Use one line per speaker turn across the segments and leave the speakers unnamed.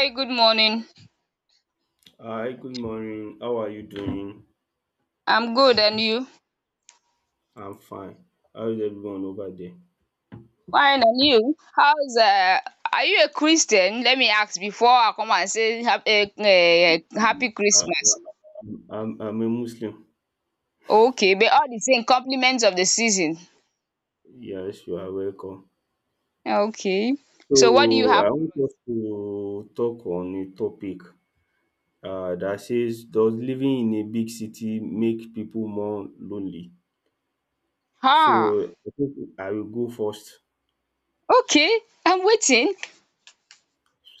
Hey, good morning.
Hi, good morning. How are you doing?
I'm good, and you?
I'm fine. How is everyone over there?
Fine, and you? How's? Are you a Christian? Let me ask before I come and say happy
Uh,
Christmas.
I'm a Muslim.
Okay, but all the same, compliments of the season.
Yes, you are welcome.
Okay. So what do you
So,
have?
I want us to talk on a topic that says, does living in a big city make people more lonely?
Ah,
So, I think I will go first.
okay. I'm waiting.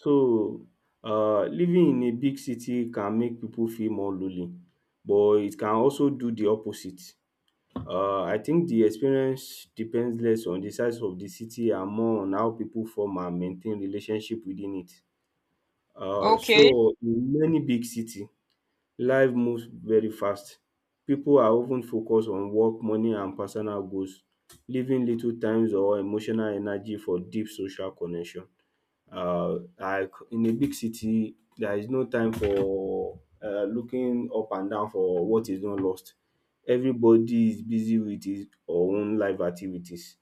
So, living in a big city can make people feel more lonely, but it can also do the opposite. I think the experience depends less on the size of the city and more on how people form and maintain relationship within it. Uh,
Okay.
so in many big city, life moves very fast. People are often focused on work, money, and personal goals, leaving little times or emotional energy for deep social connection, like in a big city there is no time for looking up and down for what is not lost. Everybody is busy with his or own life activities,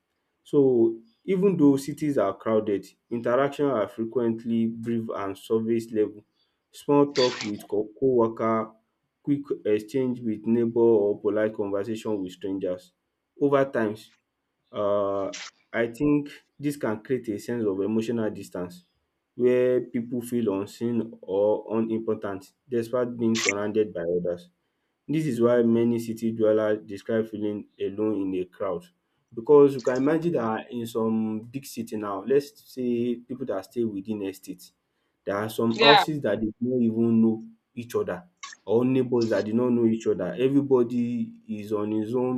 so even though cities are crowded, interactions are frequently brief and surface level. Small talk with co-worker, quick exchange with neighbor, or polite conversation with strangers over times. um I think dis can create a sense of emotional distance where pipu feel unseen or unimportant despite being surrounded by others. Dis is why many city dwellers describe feeling alone in a crowd, because you can imagine dat in some big city now, let's say pipu dat stay within estate. There are some
Yeah.
houses that they no even know each other, or neighbours that did not know each other. Everybody is on his own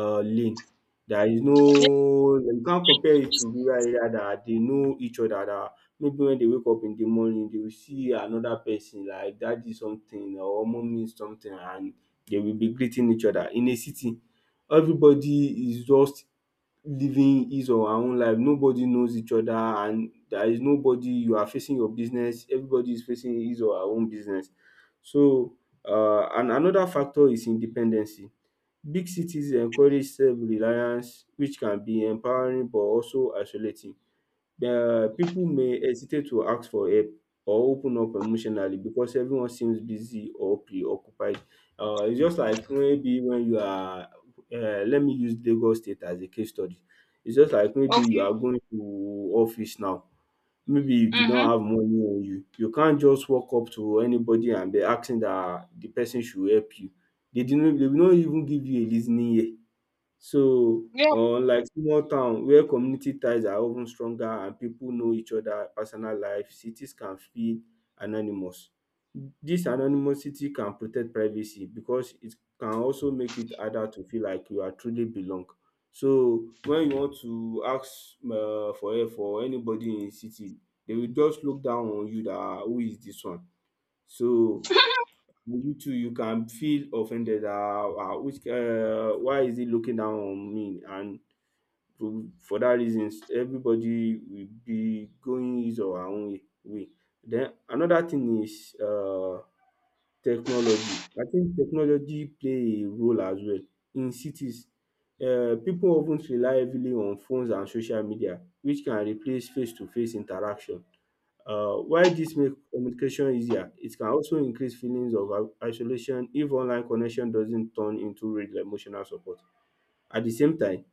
lane. There is
Yeah.
no, you can't compare it to rural area that they know each other, that maybe when they wake up in the morning they will see another person like daddy something or mummy something and they will be greeting each other. In a city, everybody is just living his or her own life. Nobody knows each other and there is nobody you are facing your business. Everybody is facing his or her own business. So and another factor is independency. Big cities encourage self reliance which can be empowering but also isolating. The people may hesitate to ask for help or open up emotionally because everyone seems busy or preoccupied. It's just like maybe when you are, let me use Lagos State as a case study. It's just like maybe you are
Okay.
going to office now. Maybe you do
Mm-hmm.
not have money on you. You can't just walk up to anybody and be asking that the person should help you. They will not even give you a listening ear. So,
Yeah.
unlike small town where community ties are of ten stronger and pipu know each other personal life, cities can feel anonymous. Dis anonymity can protect privacy because it can also make it harder to feel like you are truly belong. So, when you want to ask for help for anybody in city, they will just look down on you dat who is dis one? So, you too you can feel offended dat which why is he looking down on me, and for dat reasons everybody will be going his or her own way. Den another thing is technology. I think technology play a role as well. In cities, pipu of ten rely heavily on phones and social media which can replace face to face interaction. While dis make communication easier, it can also increase feelings of isolation if online connection doesn't turn into real emotional support. At the same time,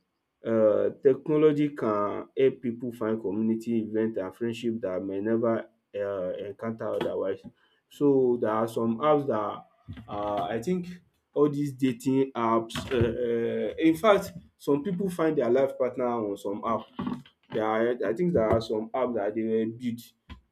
technology can help people find community event and friendship that may never encounter otherwise. So there are some apps that, are I think all these dating apps. In fact, some people find their life partner on some app. There are, I think there are some apps that they were built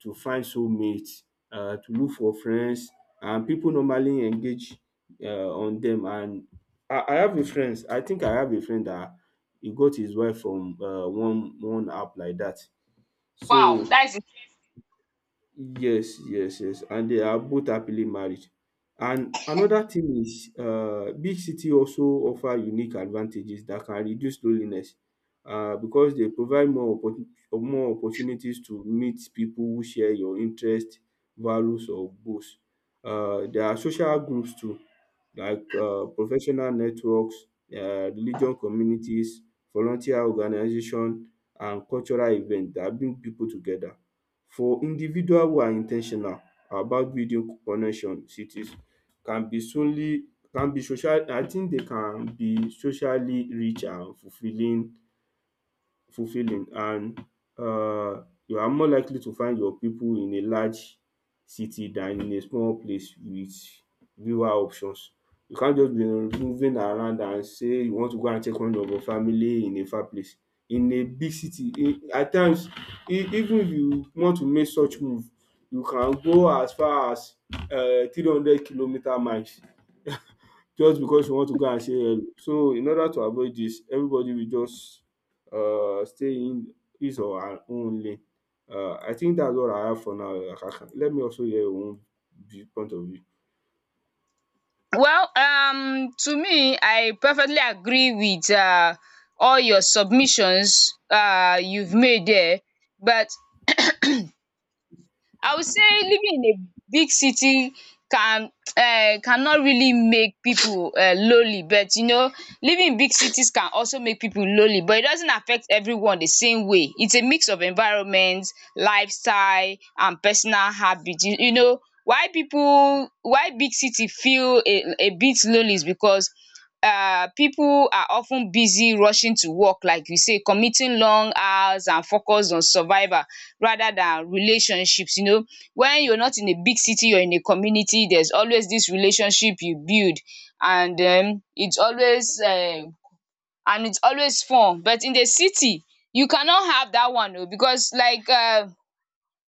to find soulmates, to look for friends, and people normally engage on them. And I have a friend, I think I have a friend that he got his wife from one app like that.
Wow,
So
that's.
yes, yes, yes. And they are both happily married. And another thing is, big city also offer unique advantages that can reduce loneliness, because they provide more opportunities to meet people who share your interest, values, or goals. There are social groups too, like professional networks, religion communities, volunteer organization, and cultural events that bring people together. For individual who are in ten tional about building connections, it is can be solely, can be social, I think they can be socially rich and fulfilling, and you are more likely to find your people in a large city than in a small place with fewer options. You can't just be moving around and say you want to go and check on your family in a far place. In a big city, at times, even if you want to make such move, you can go as far as 300 kilometer miles just because you want to go and say hello. So in order to avoid this, everybody will just stay in his or her own lane. I think that's all I have for now. Akaka. Let me also hear your own view, point of view.
Well, to me, I perfectly agree with all your submissions you've made there. But I would say living in a big city can cannot really make pipu lonely, but living in big cities can also make pipu lonely, but it doesn't affect everyone the same way. It's a mix of environment, lifestyle and personal habit. You know why pipu, why big city feel a bit lonely is because people are often busy rushing to work, like you say, committing long hours and focus on survival rather than relationships. When you're not in a big city, you're in a community, there's always this relationship you build, and then it's always fun. But in the city you cannot have that one oh, because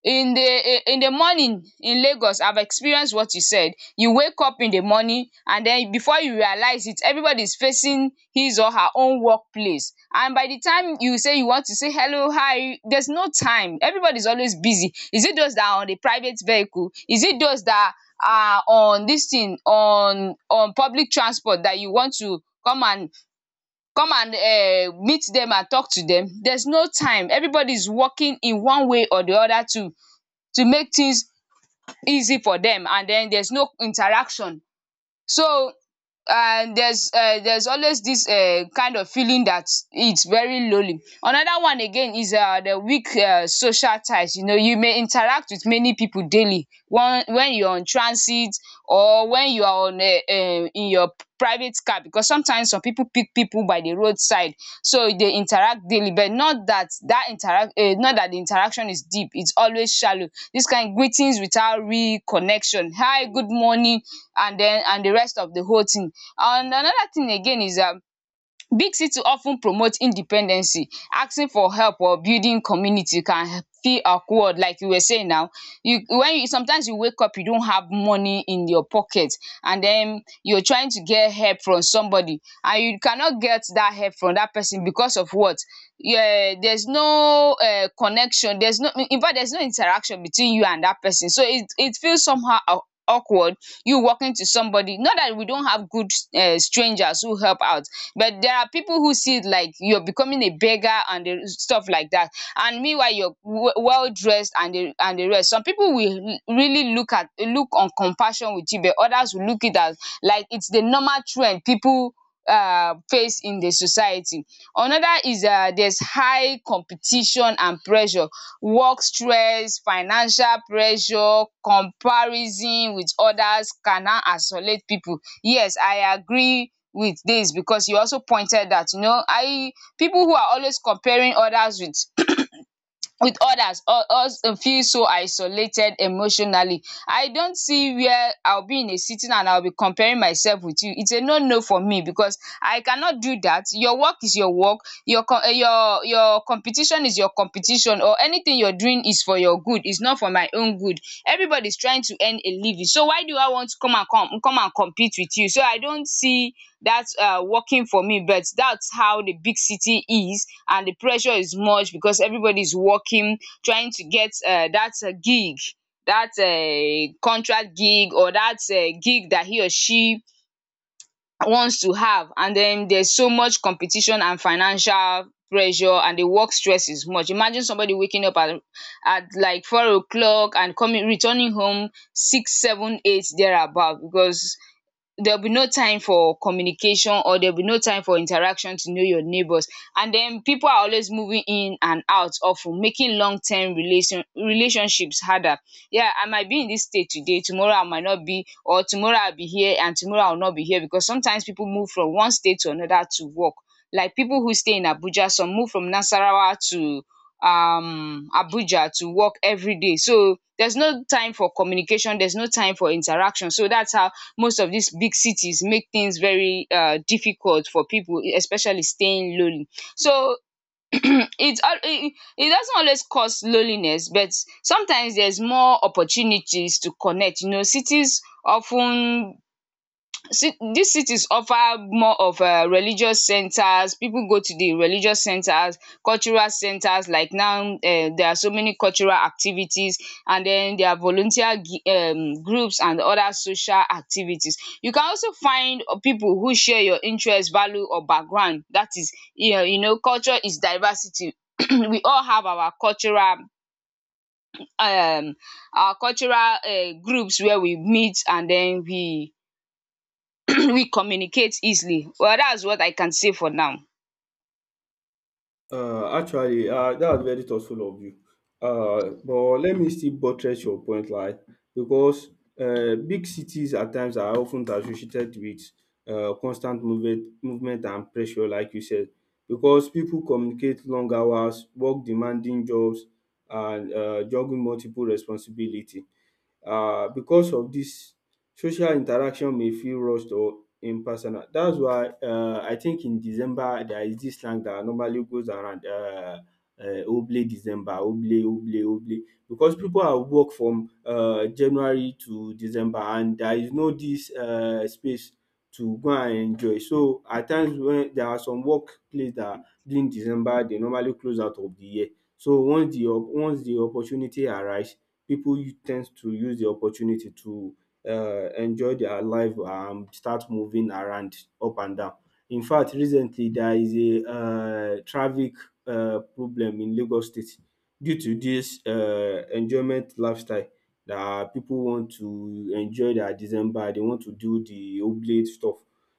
in the morning in Lagos I've experienced what you said. You wake up in the morning, and then before you realize it, everybody is facing his or her own work place, and by the time you say you want to say hello, hi, there's no time. Everybody is always busy. Is it those that are on the private vehicle? Is it those that are on dis thing on public transport that you want to come and come and meet dem and talk to dem? There's no time. Everybody is working in one way or the other to make things easy for them, and then there's no interaction. So, and there's always this kind of feeling that it's very lonely. Another one again is the weak social ties. You know, you may interact with many people daily, one when you're on transit or when you're on in your private car, because sometimes some people pick people by the roadside, so they interact daily but not that that interact, not that the interaction is deep, it's always shallow, this kind of greetings without real connection, hi, good morning, and then and the rest of the whole thing. And another thing again is big city often promote independency. Asking for help or building community can feel awkward, like you were saying now. You, when you sometimes you wake up you don't have money in your pocket, and then you're trying to get help from somebody and you cannot get that help from that person because of what? Yeah, there's no connection, there's no, in fact there's no interaction between you and that person, so it feels somehow awkward, you walking to somebody, not that we don't have good strangers who help out, but there are people who see it like you're becoming a beggar and the stuff like that, and meanwhile you're well dressed and the rest. Some people will really look at, look on compassion with you, but others will look it as like it's the normal trend people face in the society. Another is there's high competition and pressure, work stress, financial pressure, comparison with others can now isolate pipu. Yes, I agree with dis, because you also pointed out, you know, pipu who are always comparing others with others or us feel so isolated emotionally. I don't see where I'll be in a sitting and I'll be comparing myself with you. It's a no no for me because I cannot do that. Your work is your work, your com your competition is your competition, or anything you're doing is for your good. It's not for my own good. Everybody's trying to earn a living. So why do I want to come and come and compete with you? So I don't see that working for me. But that's how the big city is, and the pressure is much because everybody's working, trying to get that gig, that contract gig, or that gig that he or she wants to have, and then there's so much competition and financial pressure and the work stress is much. Imagine somebody waking up at, like 4 o'clock and coming, returning home six, seven, eight thereabout, because there will be no time for communication or there will be no time for interaction to know your neighbors, and then people are always moving in and out, often making long-term relationships harder. Yeah, I might be in this state today, tomorrow I might not be, or tomorrow I'll be here and tomorrow I'll not be here, because sometimes people move from one state to another to work, like people who stay in Abuja, some move from Nasarawa to Abuja to work every day, so there's no time for communication, there's no time for interaction, so that's how most of these big cities make things very difficult for people, especially staying lonely. So it doesn't always cause loneliness, but sometimes there's more opportunities to connect. You know, cities often. See, these cities offer more of religious centers, people go to the religious centers, cultural centers, like now there are so many cultural activities, and then there are volunteer groups and other social activities. You can also find people who share your interest, value or background, that is you know, culture is diversity. We all have um our cultural groups where we meet, and then we we communicate easily. Well, that's what I can say for now.
Actually, that was very thoughtful of you. But let me still buttress your point, like, because big cities at times are often associated with constant movement and pressure, like you said, because people communicate long hours, work demanding jobs, and juggle multiple responsibility. Because of this, social interaction may feel rushed or impersonal. That's why I think in December there is this slang that normally goes around, Oble December, Oble Oble Oble, because pipu are work from January to December and there is no this space to go and enjoy. So at times when there are some work place that during December they normally close out of the year. So once the opportunity arise, pipu ten d to use the opportunity to um enjoy their life and start moving around up and down. In fact recently there is a traffic problem in Lagos state due to dis enjoyment lifestyle dat pipu want to enjoy their December, dey want to do the oblate stuff.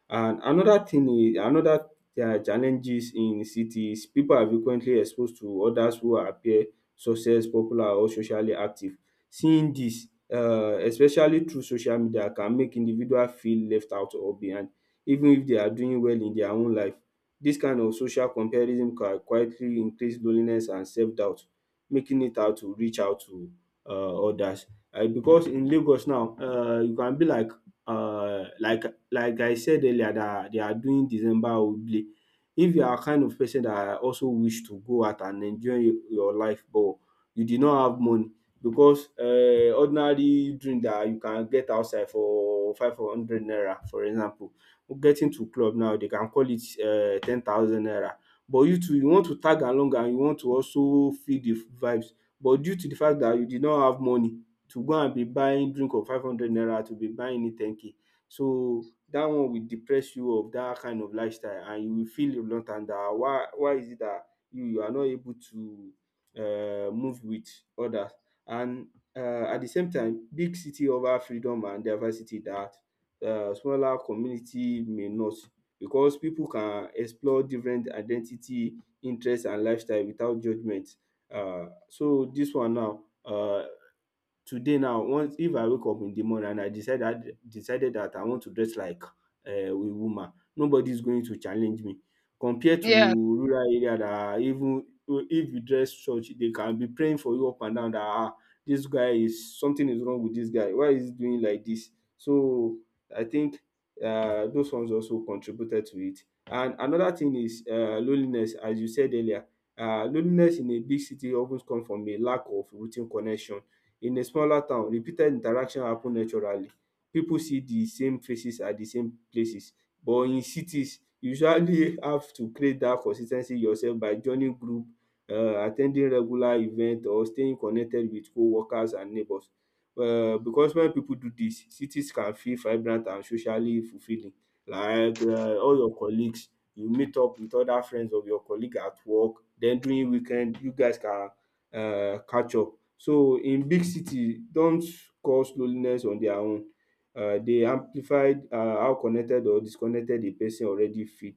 And another thing is, another challenges in city is pipu are frequently exposed to others who appear success, popular, or socially active. Seeing dis, especially through social media, can make individual feel left out or behind even if they are doing well in their own life. Dis kind of social comparison can quietly increase loneliness and self doubt, making it hard to reach out to others, because in Lagos now, you can be um like like I said earlier, dat they are doing December holiday. If you are kind of person dat also wish to go out and enjoy your life but you did not have money, because ordinary drink dat you can get outside for 500 naira for example, getting to club now dey can call it 10,000 naira, but you too you want to tag along and you want to also feel the vibes, but due to the fact dat you did not have money to go and be buying drink of 500 naira to be buying it 10K, so dat one will depress you of dat kind of lifestyle, and you will feel reluctant dat why is it dat you are not able to move with others. And at the same time, big city offer freedom and diversity that smaller community may not, because people can explore different identity, interests, and lifestyle without judgement. So this one now, today now, once if I wake up in the morning and I decide that decided that I want to dress like a woman, nobody is going to challenge me. Compared to
Yeah.
rural area that even if you dress church, they can be praying for you up and down that ah, this guy is something is wrong with this guy. Why is he doing like this? So I think those ones also contributed to it. And another thing is loneliness, as you said earlier. Loneliness in a big city often comes from a lack of routine connection. In a smaller town, repeated interaction happen naturally. Pipu see the same faces at the same places. But in cities, you usually have to create dat consis ten cy yourself by joining group, at ten ding regular event or staying connected with co-workers and neighbours. Because when pipu do dis, cities can feel vibrant and socially fulfilling. Like all your colleagues, you meet up with other friends of your colleague at work. Then during weekend, you guys can catch up. So in big city don't cause loneliness on their own, dey amplified how connected or disconnected a person already feel,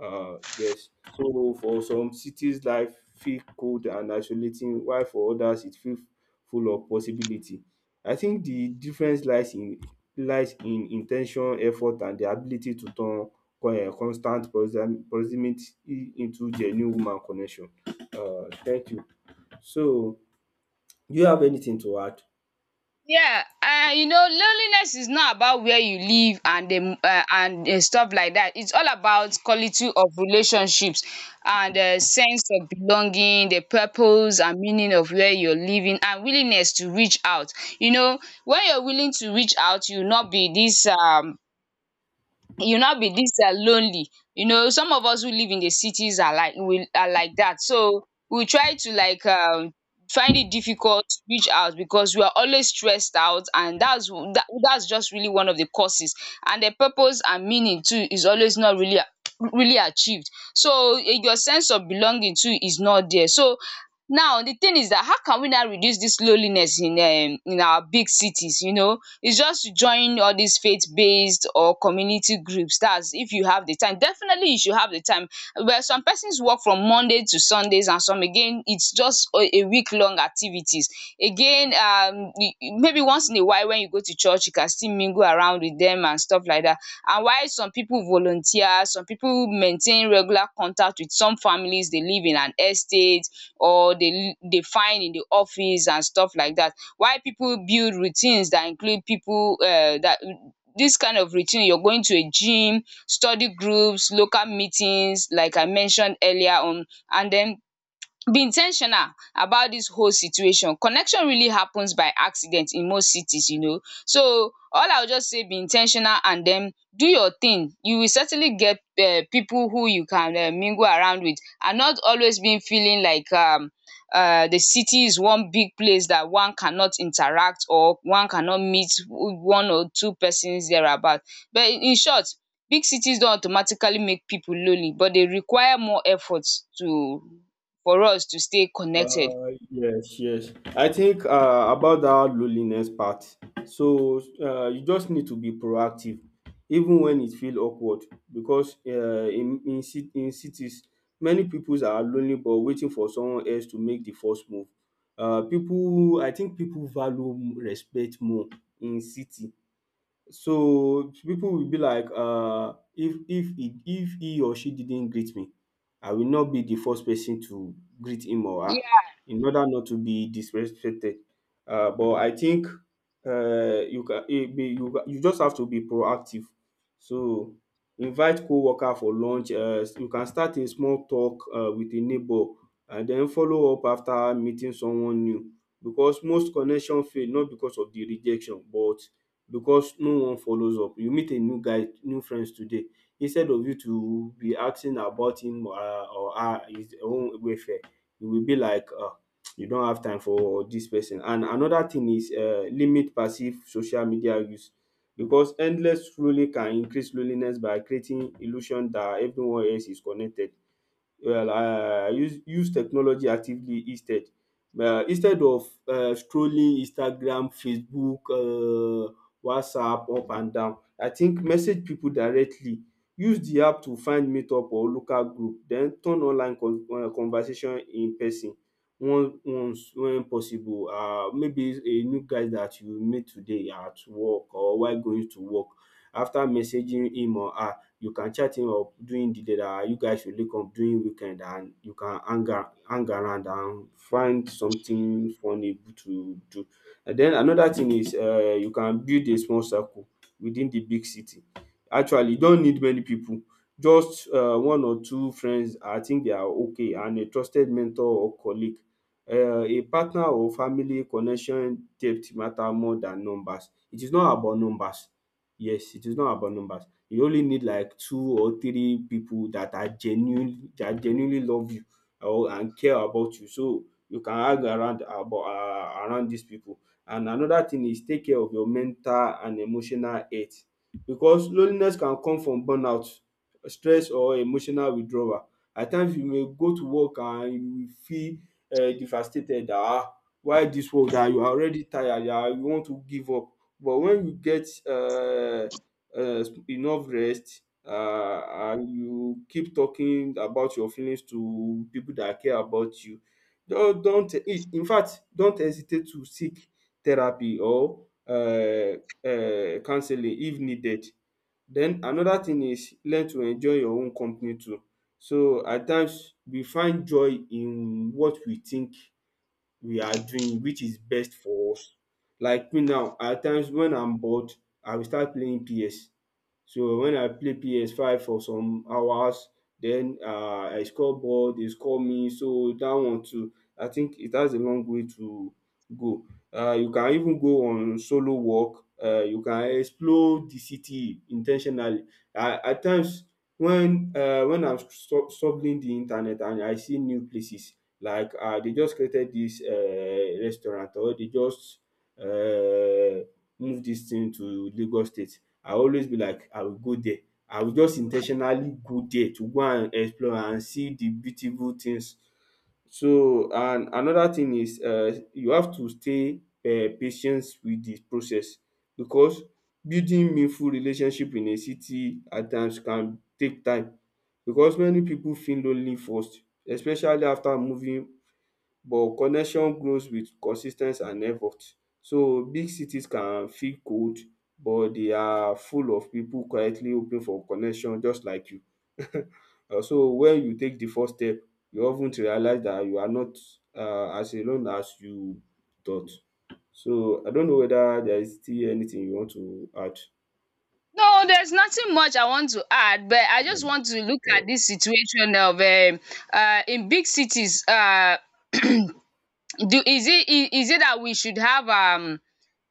yes. So for some cities life feel cold and isolating while for others it feel full of possibility. I think the difference lies in in ten tion, effort and the ability to turn constant proximity into genuine human connection. Thank you. So Do you have anything to add?
Yeah, and you know, loneliness is not about where you live and the and stuff like that. It's all about quality of relationships and sense of belonging, the purpose and meaning of where you're living, and willingness to reach out. You know, when you're willing to reach out, you'll not be this you now be dis lonely. You know, some of us who live in the cities are like, we are like that, so we try to find it difficult to reach out because we are always stressed out, and that's that's just really one of the causes, and the purpose and meaning too is always not really really achieved, so eh, your sense of belonging too is not there. So now the thing is that how can we now reduce this loneliness in in our big cities? You know, it's just to join all these faith based or community groups. That's if you have the time. Definitely you should have the time, but some persons work from Monday to Sundays, and some again it's just a week long activities again, you maybe once in a while when you go to church you can still mingle around with them and stuff like that, and while some people volunteer, some people maintain regular contact with some families, they live in an estate or they they find in the office and stuff like that, while people build routines that include people that, this kind of routine, you're going to a gym, study groups, local meetings like I mentioned earlier on, and then be in ten tional about dis whole situation. Connection really happens by accident in most cities, you know. So all I will just say, be in ten tional and den do your thing. You will certainly get pipu who you can mingle around with, and not always being feeling like the city is one big place that one cannot interact or one cannot meet one or two persons there about. But in short, big cities don automatically make pipu lonely but dey require more effort to, for us to stay connected.
Yes, yes. I think about that loneliness part. So you just need to be proactive, even when it feels awkward, because in cities, many people are lonely but waiting for someone else to make the first move. I think people value respect more in city. So people will be like, if if he or she didn't greet me, I will not be the first person to greet him or her,
Yeah.
in order not to be disrespected. But I think you can it be you ca- you just have to be proactive. So invite co-worker for lunch. You can start a small talk with a neighbor and then follow up after meeting someone new. Because most connection fail not because of the rejection, but because no one follows up. You meet a new guy, new friends today. Instead of you to be asking about him, or her, his own welfare, you will be like, you don't have time for dis person. And another thing is limit passive social media use because endless scrolling can increase loneliness by creating illusion that everyone else is connected. Well, I use technology actively instead, instead of strolling Instagram, Facebook, WhatsApp up and down. I think message people directly, use the app to find meetup or local group, then turn online conversation in person once when possible. Maybe a new guy that you meet today at work or while going to work, after messaging him or her, you can chat him up during the day that you guys should link up during weekend and you can hang around and find something funny to do. And then another thing is, you can build a small circle within the big city. Actually, you don't need many people. Just one or two friends, I think they are okay, and a trusted mentor or colleague. A partner or family connection depth matter more than numbers. It is not about numbers. Yes, it is not about numbers. You only need like two or three people that are genuinely that genuinely love you or and care about you, so you can hang around about around these people. And another thing is take care of your mental and emotional health because loneliness can come from burnout, stress or emotional withdrawal. At times you may go to work and you will feel devastated dat ah, why this work dat you are already tired dat you want to give up, but when you get enough rest and you keep talking about your feelings to people that care about you. Don't I- In fact, don't hesitate to seek therapy or counseling if needed. Then another thing is learn to enjoy your own company too. So at times we find joy in what we think we are doing which is best for us. Like me now, at times when I'm bored I will start playing PS. So when I play ps5 for some hours, then I score ball, they score me, so that one too, I think it has a long way to go. You can even go on solo walk. You can explore the city intentionally. At times when I'm struggling the internet and I see new places, like they just created this restaurant or they just uh, move this thing to Lagos State, I always be like, I will go there. I will just in ten tionally go there to go and explore and see the beautiful things. So and another thing is, you have to stay patient with the process, because building meaningful relationship in a city at times can take time, because many people feel lonely first, especially after moving, but connection grows with consis ten ce and effort. So big cities can feel cold, but they are full of pipu quietly hoping for connection just like you. So when you take de first step, you of ten to realize dat you are not as alone as you thought. So I don't know whether there is still anything you want to add?
No, there's nothing much I want to add, but I just
Um,
want to look at this situation of in big cities. Do is it I- is it that we should have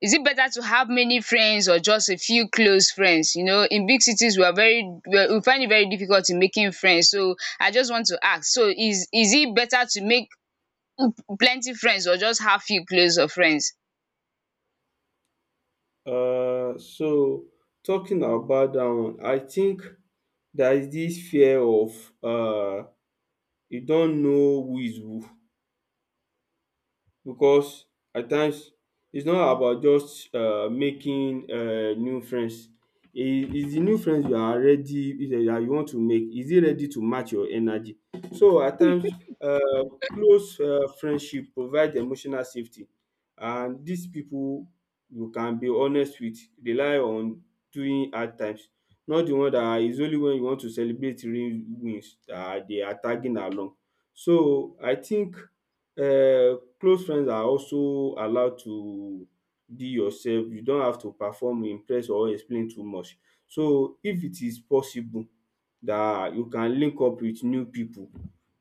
is it better to have many friends or just a few close friends? You know, in big cities, we are very, we find it very difficult in making friends. So I just want to ask: so is it better to make plenty friends or just have few close of friends?
so talking about that one, I think there is this fear of, you don't know who is who, because at times it's not about just making new friends. Is the new friends you are ready, is it that you want to make, is it ready to match your energy? So at times close friendship provide emotional safety, and dis pipu you can be honest with, rely on during hard times, not the one that is only when you want to celebrate real wins dat dey are tagging along. So I think close friends are also allowed to be yourself, you don't have to perform, impress or explain too much. So if it is possible that you can link up with new people,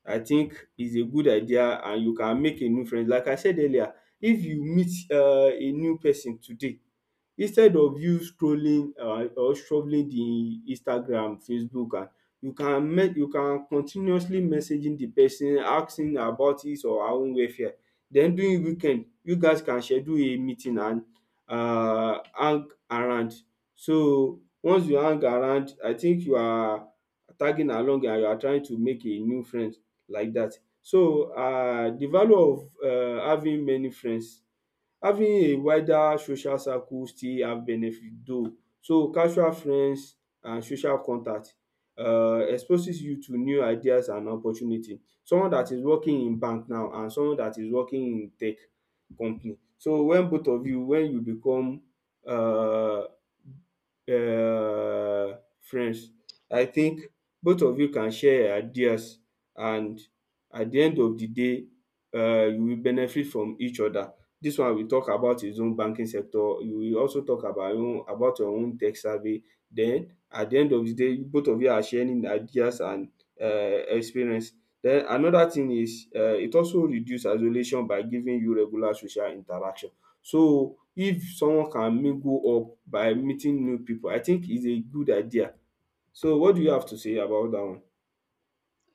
I think is a good idea and you can make a new friend. Like I said earlier, if you meet a new person today, instead of you scrolling or strolling the Instagram, Facebook and, you can continuously messaging the person asking about his or her own welfare. Then during weekend you guys can schedule a meeting and hang around. So once you hang around, I think you are tagging along and you are trying to make a new friend like dat. So the value of having many friends. Having a wider social circle still have benefit though. So casual friends and social contact exposes you to new ideas and opportunity. Someone that is working in bank now and someone that is working in tech company, so when both of you, when you become um um friends, I think both of you can share ideas, and at the end of the day you will benefit from each other. Dis one we talk about his own banking sector, we also talk about your own, about your own tech survey. Den at de end of de day both of you are sharing ideas and experience. Den another thing is, it also reduce isolation by giving you regular social interaction. So if someone can mingle up by meeting new pipu, I think is a good idea. So what do you have to say about dat one?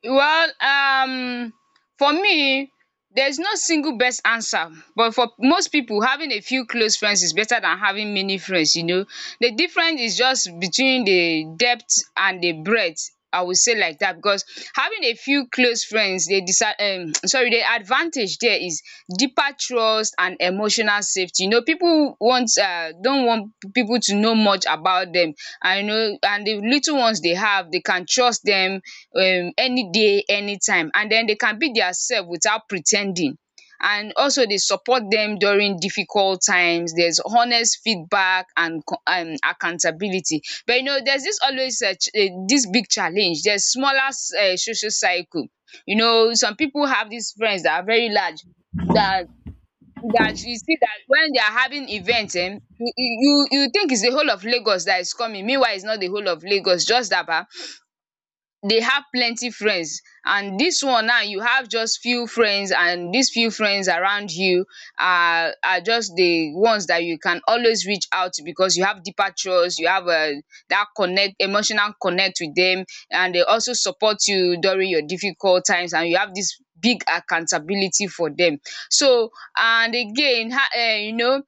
Well, for me there's no single best answer, but for most pipu having a few close friends is better than having many friends, you know. The difference is just between the depth and the breadth, I will say like dat, because having a few close friends dey sorry dey the advantage there is deeper trust and emotional safety. You know, people want don't want people to know much about them. I know, and the little ones they have, they can trust them any day, anytime, and then they can be themselves without pretending. And also, they support them during difficult times. There's honest feedback and accountability. But there's this always, this big challenge: there's smaller, social cycle. Some people have these friends that are very large, that that you see, that when they are having events, you think it's the whole of Lagos that is coming, meanwhile it's not the whole of Lagos, just Aba. They have plenty friends, and this one, now you have just few friends, and these few friends around you are just the ones that you can always reach out to, because you have deeper trust, you have, that connect, emotional connect with them, and they also support you during your difficult times, and you have this big accountability for them. So, and again, um you know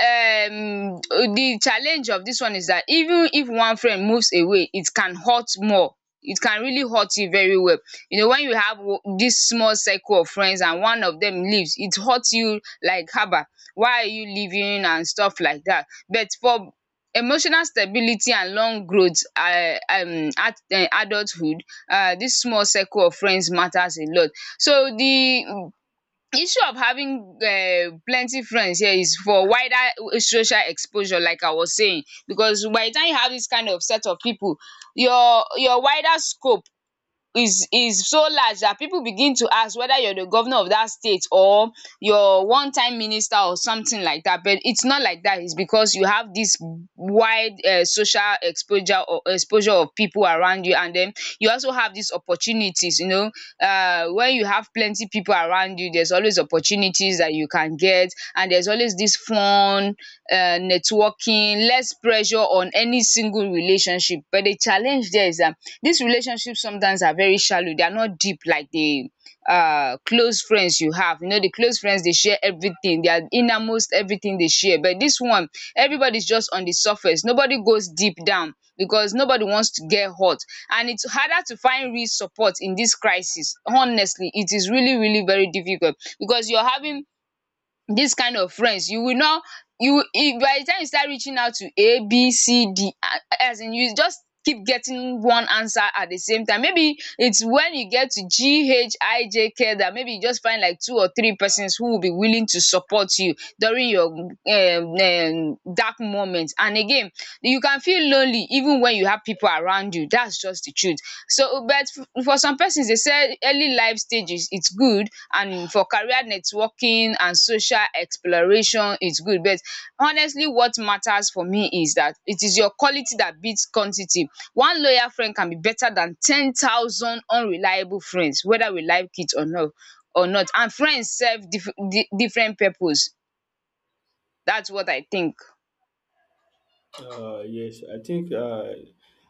um the challenge of dis one is dat even if one friend moves away, it can hurt more. It can really hurt you very well. When you have dis small circle of friends and one of dem leaves, it hurt you like haba, why are you leaving, and stuff like dat. But for emotional stability and long growth at adulthood, dis small circle of friends matters a lot. So the issue of having plenty friends here is for wider social exposure, like I was saying, because by the time you have this kind of set of people, your wider scope is so large that people begin to ask whether you are the governor of that state, or your one time minister, or something like that. But it's not like that. It's because you have this wide, social exposure, or exposure of people around you. And then you also have these opportunities. When you have plenty people around you, there's always opportunities that you can get. And there's always this fun, networking, less pressure on any single relationship. But the challenge there is that these relationships sometimes are very shallow. They are not deep like the close friends you have. The close friends, they share everything, their innermost everything they share. But this one, everybody's just on the surface. Nobody goes deep down because nobody wants to get hurt, and it's harder to find real support in this crisis. Honestly, it is really really very difficult because you're having this kind of friends. You will not, you will, if by the time you start reaching out to A, B, C, D, as in, you just keep getting one answer. At the same time, maybe it's when you get to G, H, I, J, K that maybe you just find like two or three persons who will be willing to support you during your dark moments. And again, you can feel lonely even when you have people around you. That's just the truth. So, but for some persons, they say early life stages, it's good. And for career networking and social exploration, it's good. But honestly, what matters for me is that it is your quality that beats quantity. One loyal friend can be better than 10,000 unreliable friends, whether we like it or not. Or not. And friends serve different purpose. That's what I think.
Yes, I think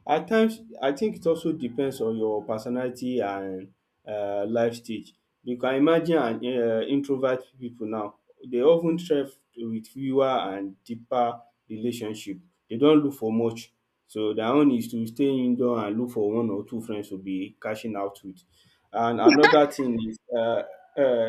at times I think it also depends on your personality and life stage. You can imagine an introvert people now, they often thrive with fewer and deeper relationship. They don't look for much, so their own is to stay indoor and look for one or two friends to be cashing out with. And another thing is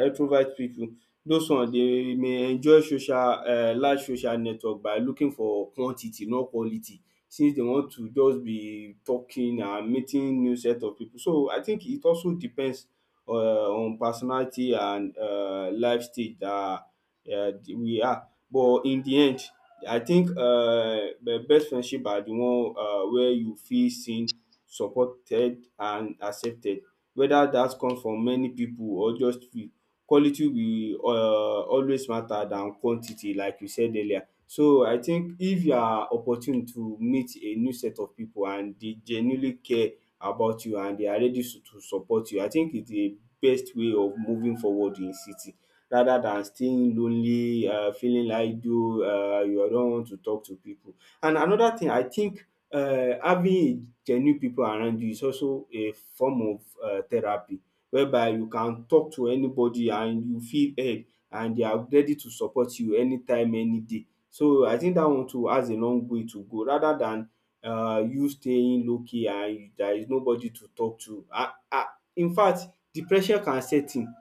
extrovert people. Those one dey may enjoy social large social network by looking for quantity not quality, since dey want to just be talking and meeting new set of pipu. So I think it also depends on personality and life stage dat um we are, but in de end I think best friendship na de one where you feel seen, supported and accepted, whether dat come from many pipu or just few. Quality will always matter than quantity like you said earlier. So I think if you are opportune to meet a new set of pipu and dey genuinely care about you and they are ready to support you, I think it's the best way of moving forward in city rather than staying lonely, feeling idle, you don't want to talk to pipu. And another thing I think, having genuine pipu around you is also a form of therapy, whereby you can talk to anybody and you feel heard, and they are ready to support you anytime any day. So I think dat one too has a long way to go rather than you staying low key and there is nobody to talk to. Infact depression can set in.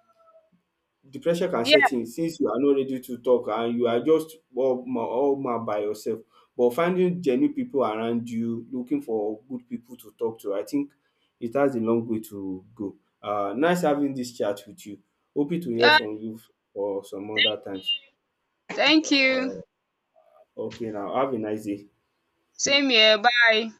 The pressure can set
Yeah.
in since you are not ready to talk and you are just all man by yourself. But finding genuine people around you, looking for good people to talk to, I think it has a long way to go. Nice having this chat with you. Hoping to hear
Yeah.
from you for some other times.
Thank you.
Okay now, have a nice day.
Same here. Bye.